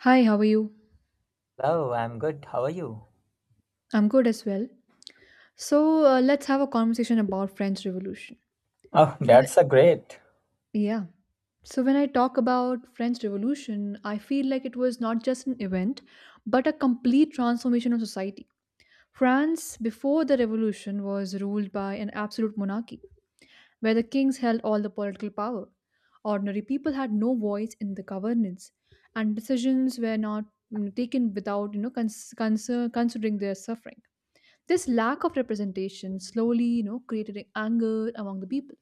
Hi, how are you? Hello, I'm good. How are you? I'm good as well. So let's have a conversation about French Revolution. Oh, Wh- that's a great. Yeah. So when I talk about French Revolution, I feel like it was not just an event, but a complete transformation of society. France before the revolution was ruled by an absolute monarchy, where the kings held all the political power. Ordinary people had no voice in the governance, and decisions were not taken without considering their suffering. This lack of representation slowly, created anger among the people,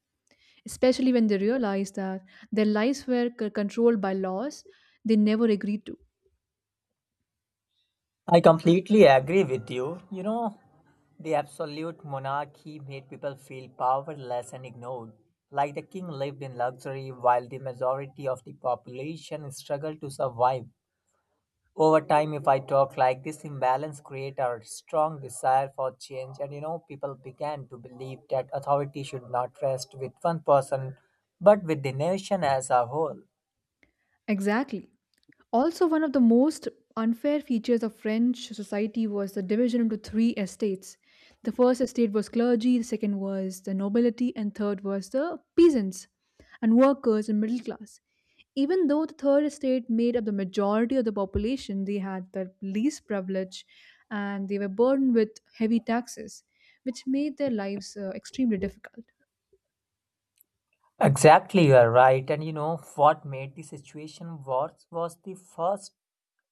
especially when they realized that their lives were controlled by laws they never agreed to. I completely agree with you. You know, the absolute monarchy made people feel powerless and ignored. Like the king lived in luxury while the majority of the population struggled to survive. Over time, if I talk like this, imbalance created a strong desire for change, and you know, people began to believe that authority should not rest with one person but with the nation as a whole. Exactly. Also, one of the most unfair features of French society was the division into three estates. The first estate was clergy, the second was the nobility, and third was the peasants and workers and middle class. Even though the third estate made up the majority of the population, they had the least privilege and they were burdened with heavy taxes, which made their lives extremely difficult. Exactly, you are right. And you know what made the situation worse was the first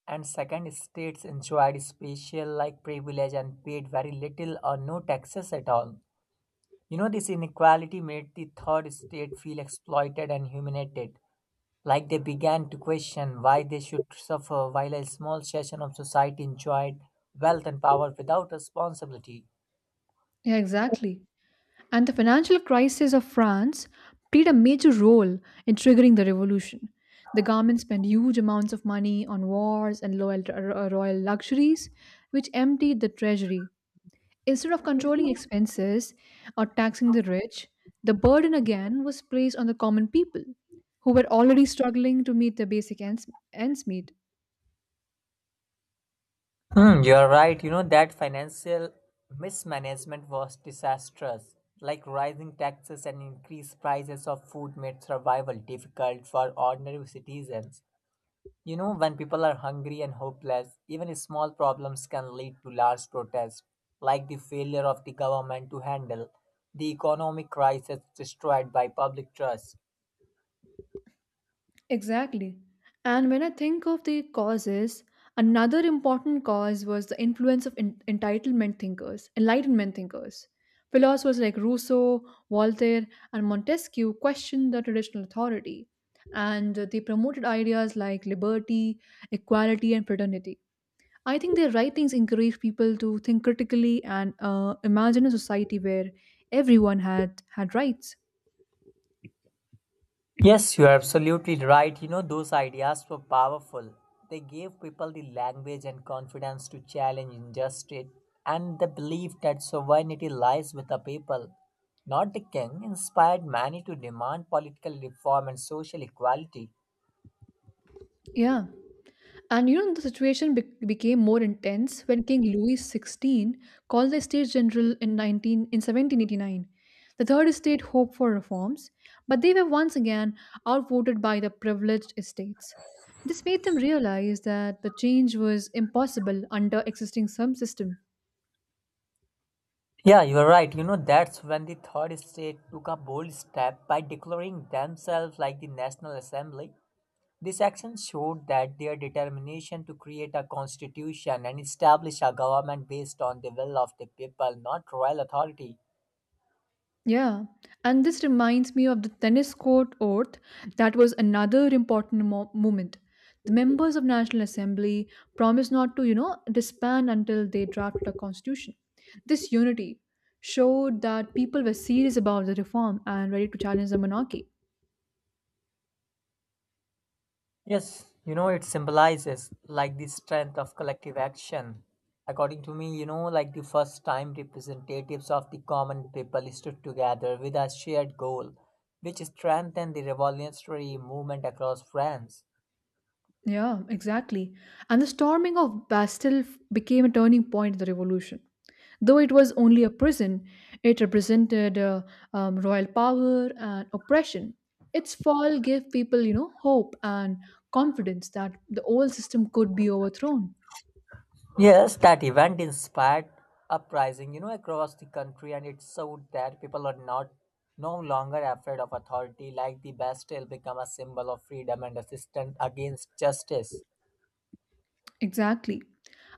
and second states enjoyed special like privilege and paid very little or no taxes at all. You know, this inequality made the third state feel exploited and humiliated. Like they began to question why they should suffer while a small section of society enjoyed wealth and power without responsibility. Yeah, exactly. And the financial crisis of France played a major role in triggering the revolution. The government spent huge amounts of money on wars and royal luxuries, which emptied the treasury. Instead of controlling expenses or taxing the rich, the burden again was placed on the common people, who were already struggling to meet their ends meet. Hmm, you're right. You know, that financial mismanagement was disastrous. Like rising taxes and increased prices of food made survival difficult for ordinary citizens. You know, when people are hungry and hopeless, even small problems can lead to large protests, like the failure of the government to handle the economic crisis destroyed by public trust. Exactly. And when I think of the causes, another important cause was the influence of enlightenment thinkers. Philosophers like Rousseau, Voltaire, and Montesquieu questioned the traditional authority, and they promoted ideas like liberty, equality, and fraternity. I think their writings encouraged people to think critically and imagine a society where everyone had rights. Yes, you're absolutely right. You know, those ideas were powerful. They gave people the language and confidence to challenge injustice and the belief that sovereignty lies with the people, not the king, inspired many to demand political reform and social equality. Yeah. And you know, the situation became more intense when King Louis XVI called the States General in 19 in 1789. The Third Estate hoped for reforms, but they were once again outvoted by the privileged estates. This made them realize that the change was impossible under existing some system. Yeah, you're right. You know, that's when the Third Estate took a bold step by declaring themselves like the National Assembly. This action showed that their determination to create a constitution and establish a government based on the will of the people, not royal authority. Yeah, and this reminds me of the tennis court oath that was another important moment. The members of National Assembly promised not to, disband until they drafted a constitution. This unity showed that people were serious about the reform and ready to challenge the monarchy. Yes, you know, it symbolizes like the strength of collective action. According to me, you know, like the first time representatives of the common people stood together with a shared goal, which strengthened the revolutionary movement across France. Yeah, exactly. And the storming of Bastille became a turning point in the revolution. Though it was only a prison, it represented royal power and oppression. Its fall gave people, hope and confidence that the old system could be overthrown. Yes, that event inspired uprising, you know, across the country, and it showed that people are not no longer afraid of authority. Like the Bastille become a symbol of freedom and resistance against justice. Exactly.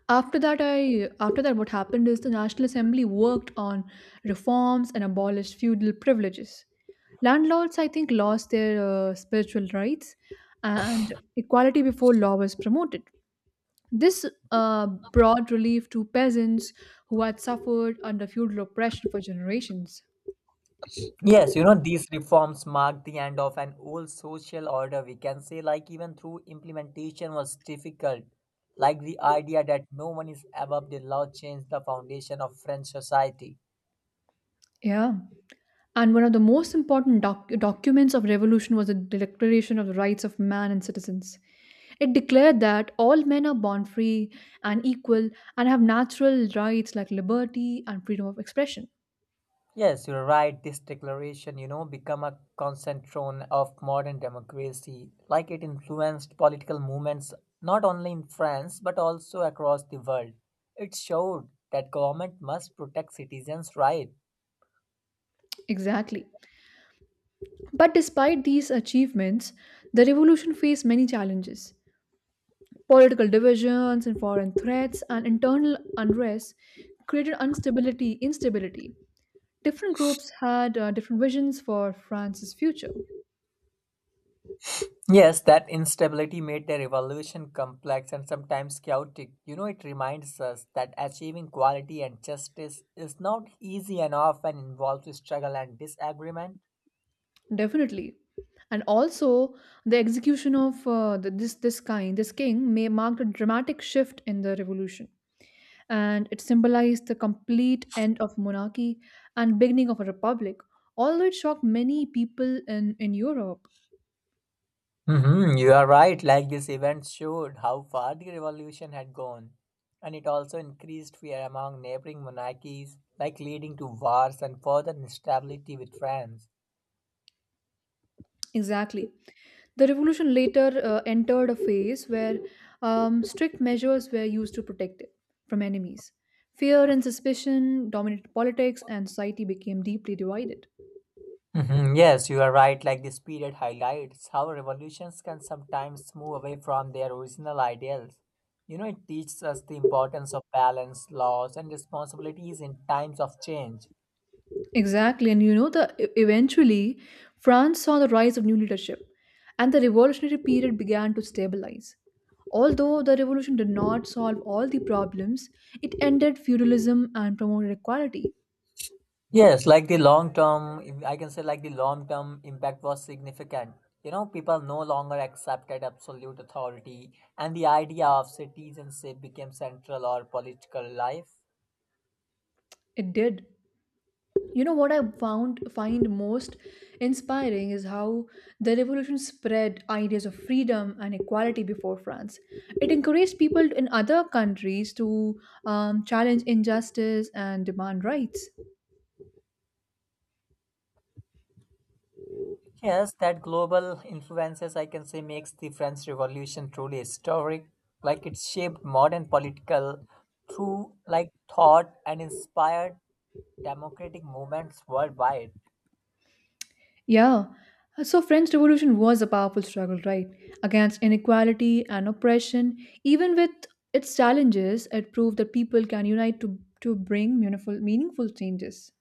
After that, what happened is the National Assembly worked on reforms and abolished feudal privileges. Landlords, I think, lost their spiritual rights, and equality before law was promoted. This brought relief to peasants who had suffered under feudal oppression for generations. Yes, you know, these reforms marked the end of an old social order. We can say, like, even through implementation was difficult. Like the idea that no one is above the law changed the foundation of French society. Yeah. And one of the most important documents of revolution was the Declaration of the Rights of Man and Citizens. It declared that all men are born free and equal and have natural rights like liberty and freedom of expression. Yes, you're right. This declaration, you know, become a cornerstone of modern democracy. Like it influenced political movements not only in France but also across the world. It showed that government must protect citizens' rights. Exactly. But despite these achievements, the revolution faced many challenges. Political divisions and foreign threats and internal unrest created instability. Different groups had different visions for France's future. Yes, that instability made the revolution complex and sometimes chaotic. You know, it reminds us that achieving equality and justice is not easy and often involves struggle and disagreement. Definitely. And also, the execution of the, this kind this king may marked a dramatic shift in the revolution, and it symbolized the complete end of monarchy and beginning of a republic. Although it shocked many people in Europe. Hmm. You are right. Like this event showed how far the revolution had gone, and it also increased fear among neighboring monarchies, like leading to wars and further instability with France. Exactly. The revolution later entered a phase where strict measures were used to protect it from enemies. Fear and suspicion dominated politics, and society became deeply divided. Mhm. Yes, you are right. Like this period highlights how revolutions can sometimes move away from their original ideals. You know, it teaches us the importance of balance, laws, and responsibilities in times of change. Exactly, and you know eventually France saw the rise of new leadership and the revolutionary period began to stabilize. Although the revolution did not solve all the problems, it ended feudalism and promoted equality. Yes, like the long term, I can say like the long term impact was significant. You know, people no longer accepted absolute authority, and the idea of citizenship became central or political life. It did. You know what I found find most inspiring is how the revolution spread ideas of freedom and equality before France. It encouraged people in other countries to challenge injustice and demand rights. Yes, that global influences, I can say, makes the French Revolution truly historic. Like it shaped modern political through like thought and inspired democratic movements worldwide. Yeah. So French Revolution was a powerful struggle, right? Against inequality and oppression. Even with its challenges, it proved that people can unite to bring meaningful changes.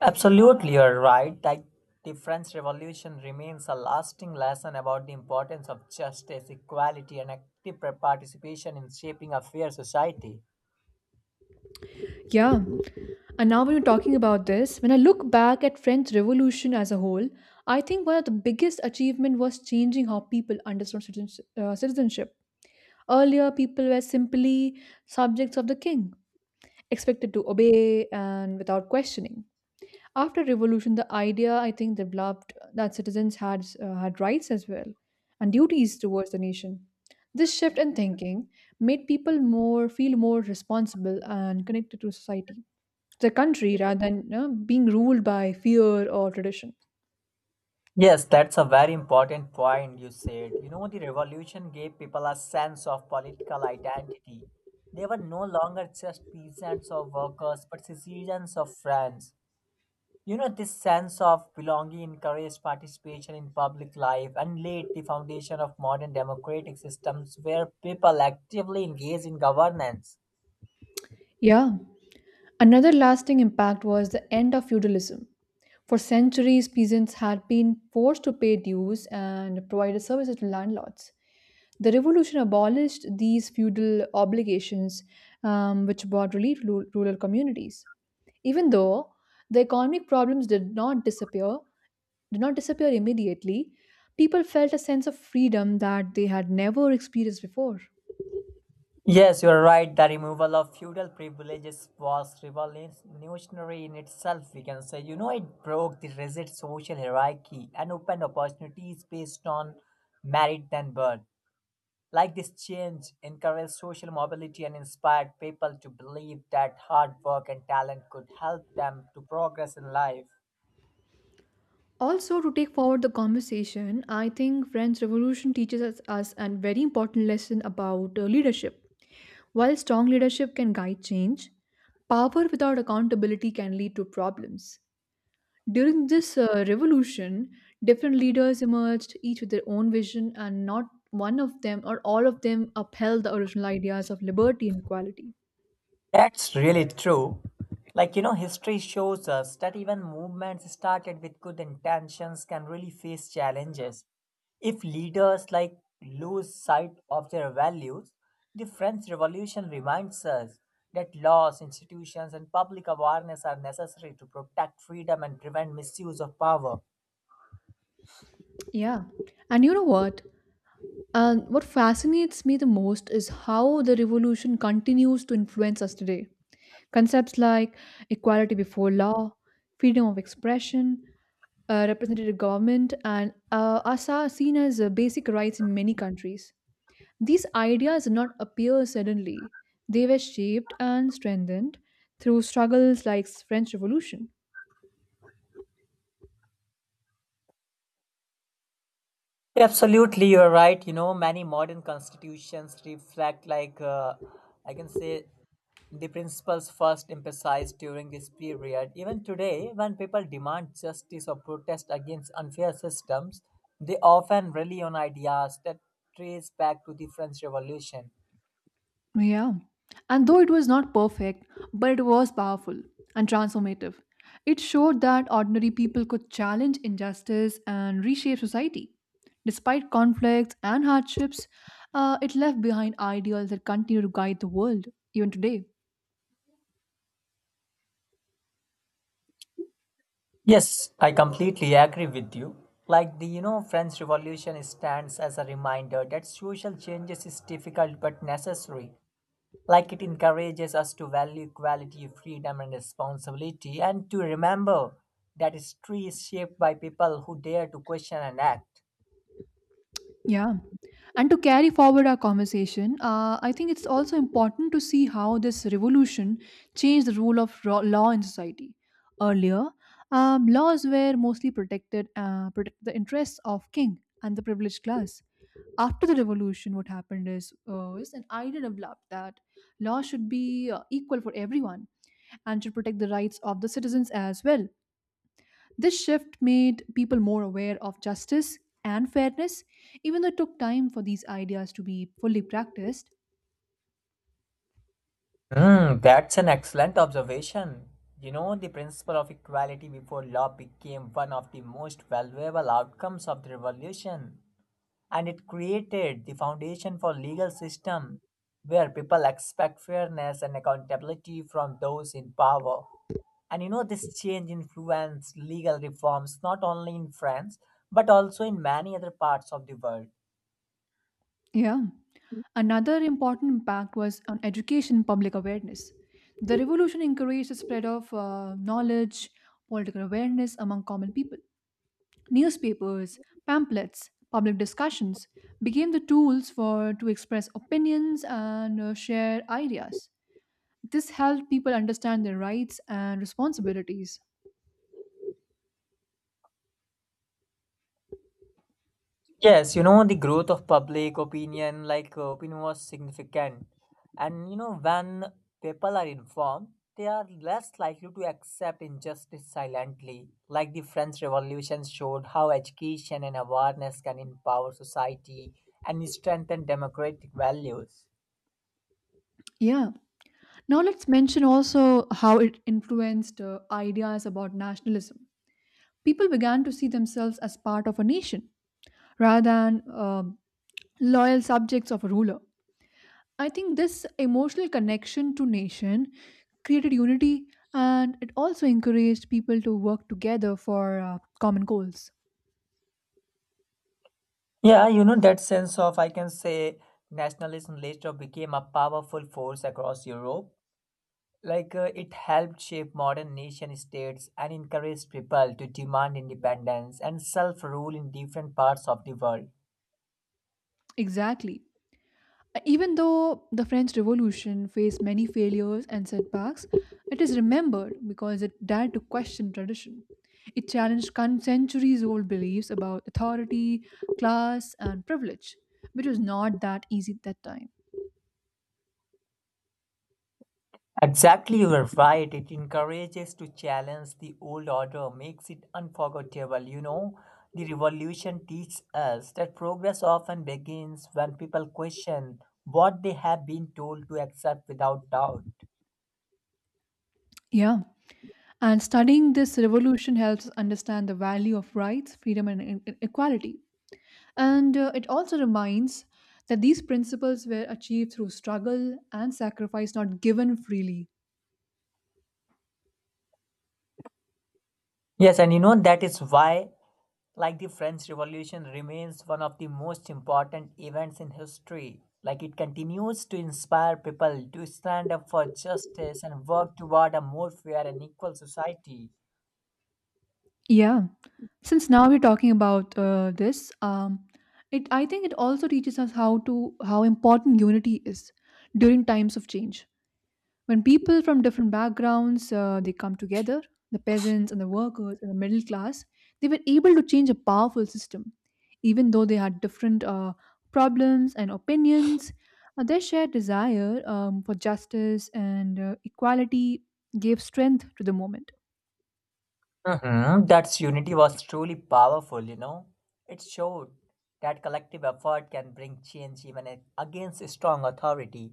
Absolutely, you're right. Like the French Revolution remains a lasting lesson about the importance of justice, equality, and active participation in shaping a fair society. Yeah. And now when you're talking about this, when I look back at French Revolution as a whole, I think one of the biggest achievement was changing how people understood citizenship. Earlier, people were simply subjects of the king, expected to obey and without questioning. After revolution, the idea I think developed that citizens had had rights as well and duties towards the nation. This shift in thinking made people more feel more responsible and connected to society, the country, rather than being ruled by fear or tradition. Yes, that's a very important point you said. You know, the revolution gave people a sense of political identity. They were no longer just peasants or workers, but citizens of France. You know, this sense of belonging encouraged participation in public life and laid the foundation of modern democratic systems where people actively engage in governance. Yeah. Another lasting impact was the end of feudalism. For centuries, peasants had been forced to pay dues and provide services to landlords. The revolution abolished these feudal obligations, which brought relief to rural communities. Even though the economic problems did not disappear immediately, people felt a sense of freedom that they had never experienced before. Yes, you are right. The removal of feudal privileges was revolutionary in itself, we can say. You know, it broke the rigid social hierarchy and opened opportunities based on merit than birth. Like this change encouraged social mobility and inspired people to believe that hard work and talent could help them to progress in life. Also, to take forward the conversation, I think French Revolution teaches us a very important lesson about leadership. While strong leadership can guide change, power without accountability can lead to problems. During this revolution, different leaders emerged, each with their own vision, and not one of them or all of them upheld the original ideas of liberty and equality. That's really true. Like, you know, history shows us that even movements started with good intentions can really face challenges. If leaders like lose sight of their values, the French Revolution reminds us that laws, institutions, and public awareness are necessary to protect freedom and prevent misuse of power. Yeah. And you know what? What fascinates me the most is how the revolution continues to influence us today. Concepts like equality before law, freedom of expression, representative government, and us are seen as basic rights in many countries. These ideas did not appear suddenly. They were shaped and strengthened through struggles like French Revolution. Absolutely, you're right. You know, many modern constitutions reflect, like, I can say, the principles first emphasized during this period. Even today, when people demand justice or protest against unfair systems, they often rely on ideas that trace back to the French Revolution. Yeah. And though it was not perfect, but it was powerful and transformative. It showed that ordinary people could challenge injustice and reshape society. Despite conflicts and hardships, it left behind ideals that continue to guide the world even today. Yes, I completely agree with you. Like the you know French Revolution stands as a reminder that social changes is difficult but necessary. Like it encourages us to value equality, freedom, and responsibility, and to remember that history is shaped by people who dare to question and act. Yeah. And to carry forward our conversation, I think it's also important to see how this revolution changed the rule of law in society. Earlier, laws were mostly protect the interests of king and the privileged class. After the revolution, what happened is an idea developed that law should be equal for everyone and should protect the rights of the citizens as well. This shift made people more aware of justice and fairness, even though it took time for these ideas to be fully practiced. Hmm, that's an excellent observation. You know, the principle of equality before law became one of the most valuable outcomes of the revolution, and it created the foundation for legal system where people expect fairness and accountability from those in power. And you know this change influenced legal reforms not only in France but also in many other parts of the world. Yeah. Another important impact was on education and public awareness. The revolution encouraged the spread of knowledge, political awareness among common people. Newspapers, pamphlets, public discussions became the tools for to express opinions and share ideas. This helped people understand their rights and responsibilities. Yes, you know, the growth of public opinion, like opinion was significant. And you know, when people are informed, they are less likely to accept injustice silently. Like the French Revolution showed how education and awareness can empower society and strengthen democratic values. Yeah. Now, let's mention also how it influenced ideas about nationalism. People began to see themselves as part of a nation rather than loyal subjects of a ruler. I think this emotional connection to nation created unity and it also encouraged people to work together for common goals. Yeah, you know, that sense of, I can say, nationalism later became a powerful force across Europe. Like it helped shape modern nation states and encouraged people to demand independence and self rule in different parts of the world. Exactly. Even though the French Revolution faced many failures and setbacks, it is remembered because it dared to question tradition. It challenged centuries old beliefs about authority, class, and privilege, which was not that easy at that time. Exactly, you are right. It encourages to challenge the old order, makes it unforgettable. You know, the revolution teaches us that progress often begins when people question what they have been told to accept without doubt. Yeah. And studying this revolution helps us understand the value of rights, freedom, and equality. And it also reminds that these principles were achieved through struggle and sacrifice not given freely. Yes, and you know that is why like the French Revolution remains one of the most important events in history. Like it continues to inspire people to stand up for justice and work toward a more fair and equal society. Yeah, since now we're talking about this, it I think it also teaches us how important unity is during times of change. When people from different backgrounds they come together, the peasants and the workers and the middle class, they were able to change a powerful system, even though they had different problems and opinions. Their shared desire for justice and equality gave strength to the moment. Hmm. That unity was truly powerful, you know. It showed that collective effort can bring change even against strong authority.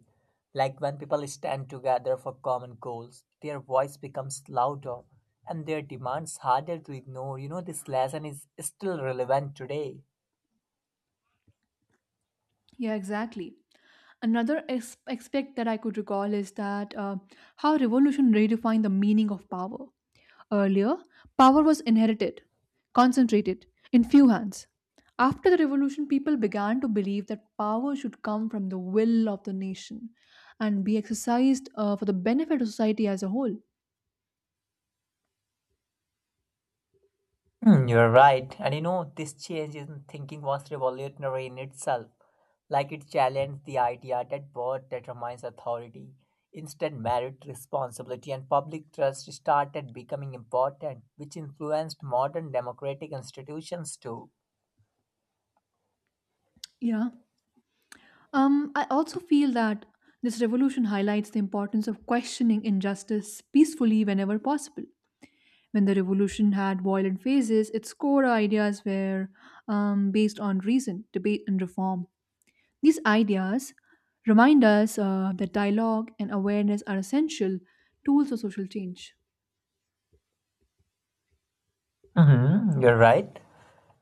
Like when people stand together for common goals, their voice becomes louder and their demands harder to ignore. You know, this lesson is still relevant today. Yeah, exactly. Another aspect that I could recall is that how revolution redefined the meaning of power. Earlier, power was inherited, concentrated, in few hands. After the revolution, people began to believe that power should come from the will of the nation and be exercised for the benefit of society as a whole. Hmm, you're right. And you know, this change in thinking was revolutionary in itself. Like it challenged the idea that birth determines authority. Instead, merit, responsibility, and public trust started becoming important, which influenced modern democratic institutions too. Yeah. I also feel that this revolution highlights the importance of questioning injustice peacefully whenever possible. When the revolution had violent phases, its core ideas were based on reason, debate, and reform. These ideas remind us that dialogue and awareness are essential tools for social change. Hmm. You're right.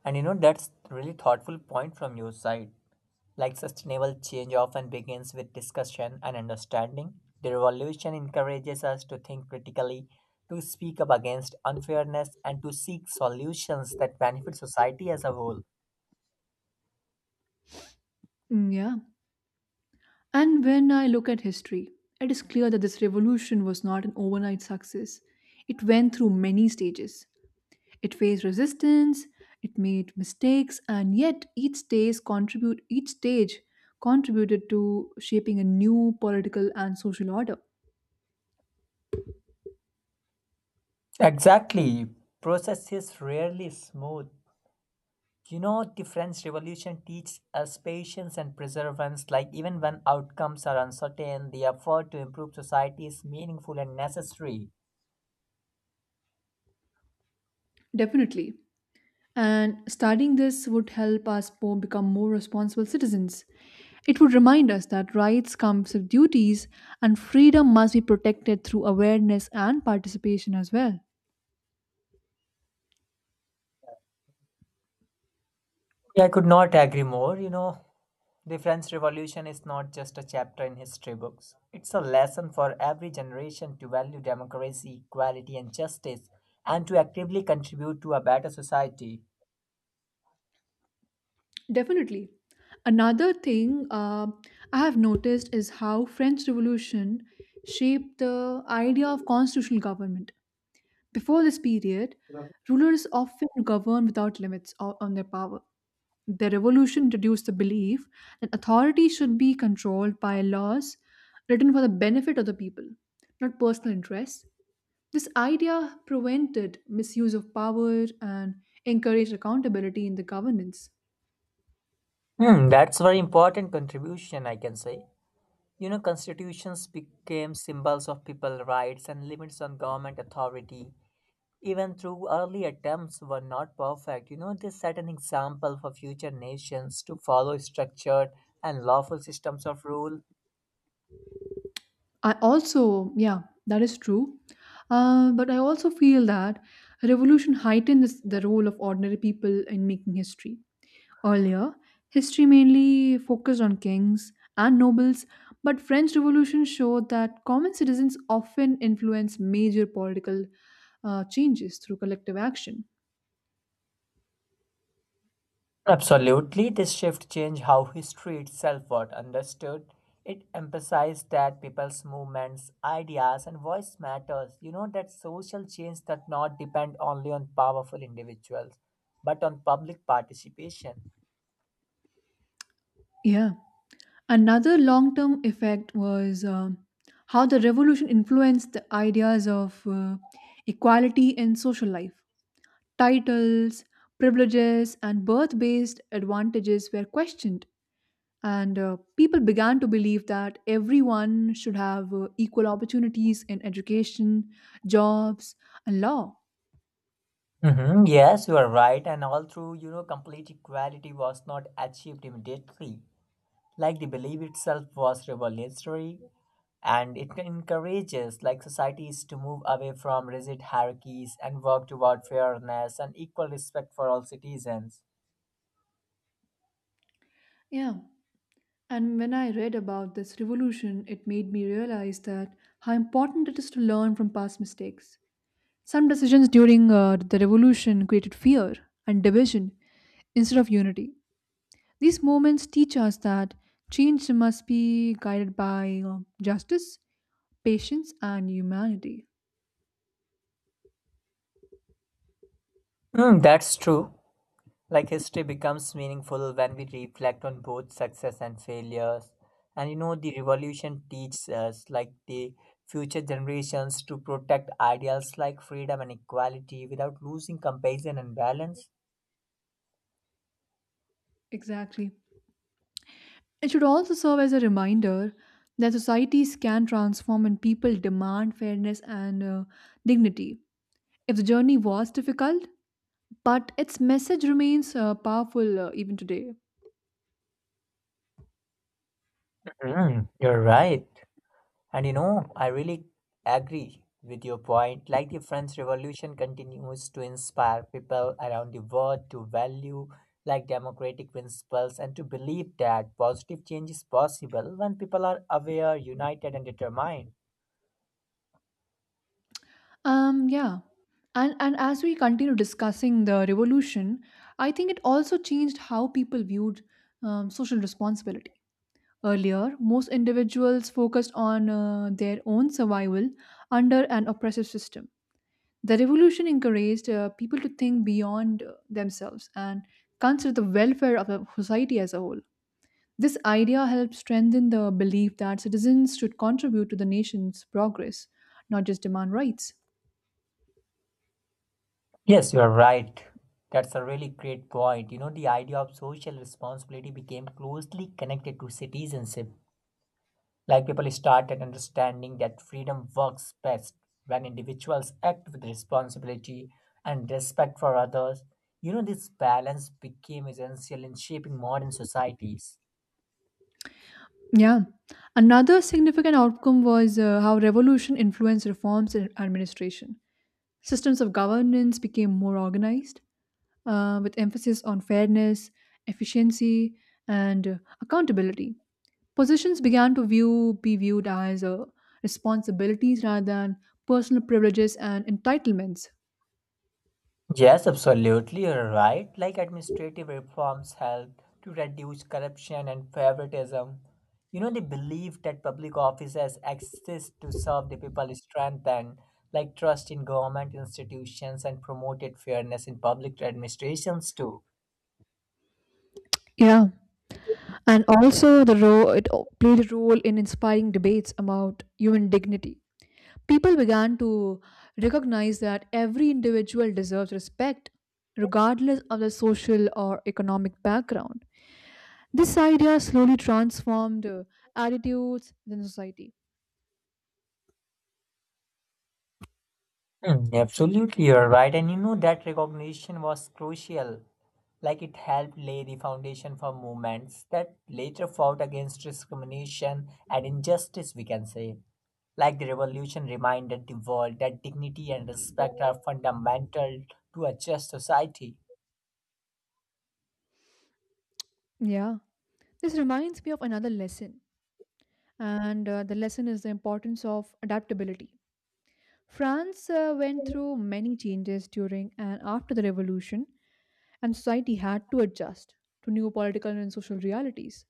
And you know, that's really thoughtful point from your side. Like sustainable change often begins with discussion and understanding, the revolution encourages us to think critically, to speak up against unfairness, and to seek solutions that benefit society as a whole. Yeah. And when I look at history, it is clear that this revolution was not an overnight success. It went through many stages. It faced resistance, it made mistakes, and yet each stage contributed to shaping a new political and social order. Exactly. Process is rarely smooth. You know, the French Revolution teaches us patience and perseverance. Like even when outcomes are uncertain, the effort to improve society is meaningful and necessary. Definitely. And studying this would help us become more responsible citizens. It would remind us that rights come with duties and freedom must be protected through awareness and participation as well. Yeah, I could not agree more. You know, the French Revolution is not just a chapter in history books. It's a lesson for every generation to value democracy, equality, and justice, and to actively contribute to a better society. Definitely. Another thing I have noticed is how French Revolution shaped the idea of constitutional government. Before this period, rulers often governed without limits on their power. The revolution introduced the belief that authority should be controlled by laws written for the benefit of the people, not personal interests. This idea prevented misuse of power and encouraged accountability in the governance. Hmm, that's very important contribution, I can say. You know, constitutions became symbols of people rights and limits on government authority. Even though early attempts were not perfect, you know, they set an example for future nations to follow structured and lawful systems of rule. I also, yeah, that is true. But I also feel that revolution heightens the role of ordinary people in making history. Earlier, history mainly focused on kings and nobles, but French Revolution showed that common citizens often influence major political changes through collective action. Absolutely, this shift changed how history itself was understood. It emphasized that people's movements, ideas, and voice matters. You know that social change does not depend only on powerful individuals, but on public participation. Yeah. Another long term effect was how the revolution influenced the ideas of equality in social life. Titles, privileges, and birth based advantages were questioned, and people began to believe that everyone should have equal opportunities in education, jobs, and law. Hmm. Yes, you are right, and all through, you know, complete equality was not achieved immediately. Like the belief itself was revolutionary, and it encourages like societies to move away from rigid hierarchies and work toward fairness and equal respect for all citizens. Yeah. And when I read about this revolution, it made me realize that how important it is to learn from past mistakes. Some decisions during the revolution created fear and division instead of unity. These moments teach us that change must be guided by justice, patience, and humanity. Hmm, that's true. Like history becomes meaningful when we reflect on both success and failures. And you know the revolution teaches us like the future generations to protect ideals like freedom and equality without losing compassion and balance. Exactly. It should also serve as a reminder that societies can transform when people demand fairness and dignity. If the journey was difficult, but its message remains powerful even today. Hmm, you're right. And you know, I really agree with your point. Like the French Revolution continues to inspire people around the world to value like democratic principles and to believe that positive change is possible when people are aware, united, and determined. Yeah. And as we continue discussing the revolution, I think it also changed how people viewed social responsibility. Earlier, most individuals focused on their own survival under an oppressive system. The revolution encouraged people to think beyond themselves and consider the welfare of the society as a whole. This idea helped strengthen the belief that citizens should contribute to the nation's progress, not just demand rights. Yes, you are right. That's a really great point. You know, the idea of social responsibility became closely connected to citizenship. Like people started understanding that freedom works best when individuals act with responsibility and respect for others. You know, this balance became essential in shaping modern societies. Yeah. Another significant outcome was how revolution influenced reforms in administration. Systems of governance became more organized, with emphasis on fairness, efficiency, and accountability. Positions began to view be viewed as responsibilities rather than personal privileges and entitlements. Yes, absolutely, you're right. Like administrative reforms help to reduce corruption and favoritism. You know, the belief that public officers exist to serve the people is strengthened, like trust in government institutions and promoted fairness in public administrations too. Yeah, and also the role it played a role in inspiring debates about human dignity. People began to recognize that every individual deserves respect, regardless of their social or economic background. This idea slowly transformed attitudes within society. Hmm, absolutely, you're right. And you know, that recognition was crucial. Like it helped lay the foundation for movements that later fought against discrimination and injustice, we can say. Like the revolution reminded the world that dignity and respect are fundamental to a just society. Yeah. This reminds me of another lesson, and the lesson is the importance of adaptability. France went through many changes during and after the revolution, and society had to adjust to new political and social realities.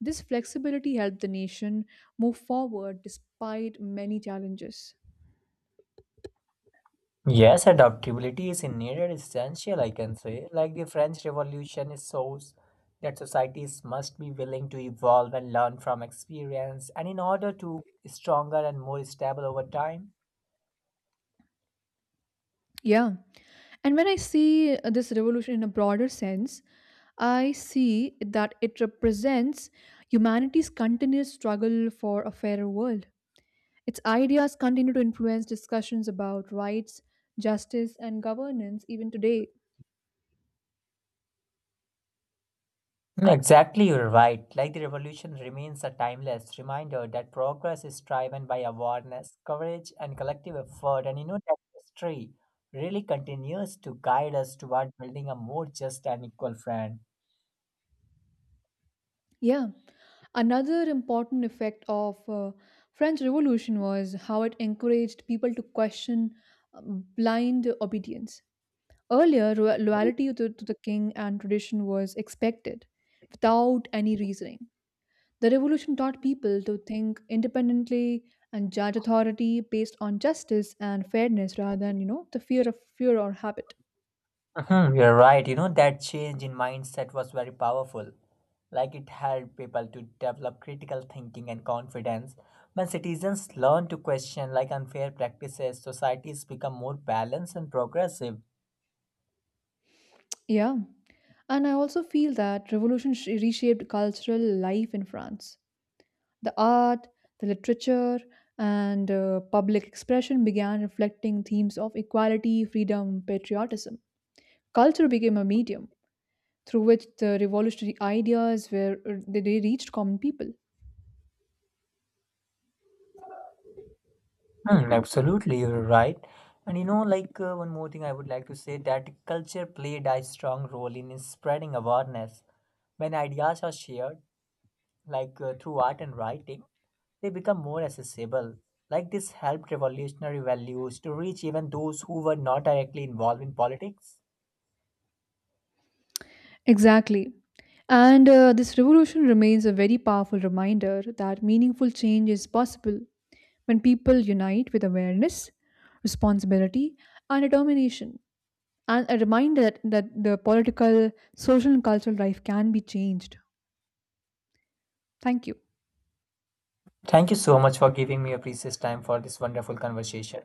This flexibility helped the nation move forward despite many challenges. Yes, adaptability is indeed essential, I can say. Like the French Revolution shows that societies must be willing to evolve and learn from experience, and in order to stronger and more stable over time. Yeah. And when I see this revolution in a broader sense, I see that it represents humanity's continuous struggle for a fairer world. Its ideas continue to influence discussions about rights, justice, and governance even today. Mm. Exactly, you're right. Like the revolution remains a timeless reminder that progress is driven by awareness, courage, and collective effort. And you know that history really continues to guide us toward building a more just and equal friend. Yeah, another important effect of French Revolution was how it encouraged people to question uh, blind obedience. Earlier, loyalty to the king and tradition was expected without any reasoning. The revolution taught people to think independently and judge authority based on justice and fairness rather than, you know, the fear of fear or habit. Hmm, you're right. You know, that change in mindset was very powerful. Like it helped people to develop critical thinking and confidence. When citizens learn to question like unfair practices, societies become more balanced and progressive. Yeah. And I also feel that reshaped cultural life in France. The art, the literature, and public expression began reflecting themes of equality, freedom, patriotism. Culture became a medium through which the revolutionary ideas were they reached common people. Hmm, absolutely, you're right. And you know, like one more thing I would like to say that culture played a strong role in spreading awareness. When ideas are shared, like through art and writing, they become more accessible. Like this helped revolutionary values to reach even those who were not directly involved in politics. Exactly. And this revolution remains a very powerful reminder that meaningful change is possible when people unite with awareness, responsibility, and determination, and a reminder that the political, social, and cultural life can be changed. Thank you. Thank you so much for giving me a precious time for this wonderful conversation.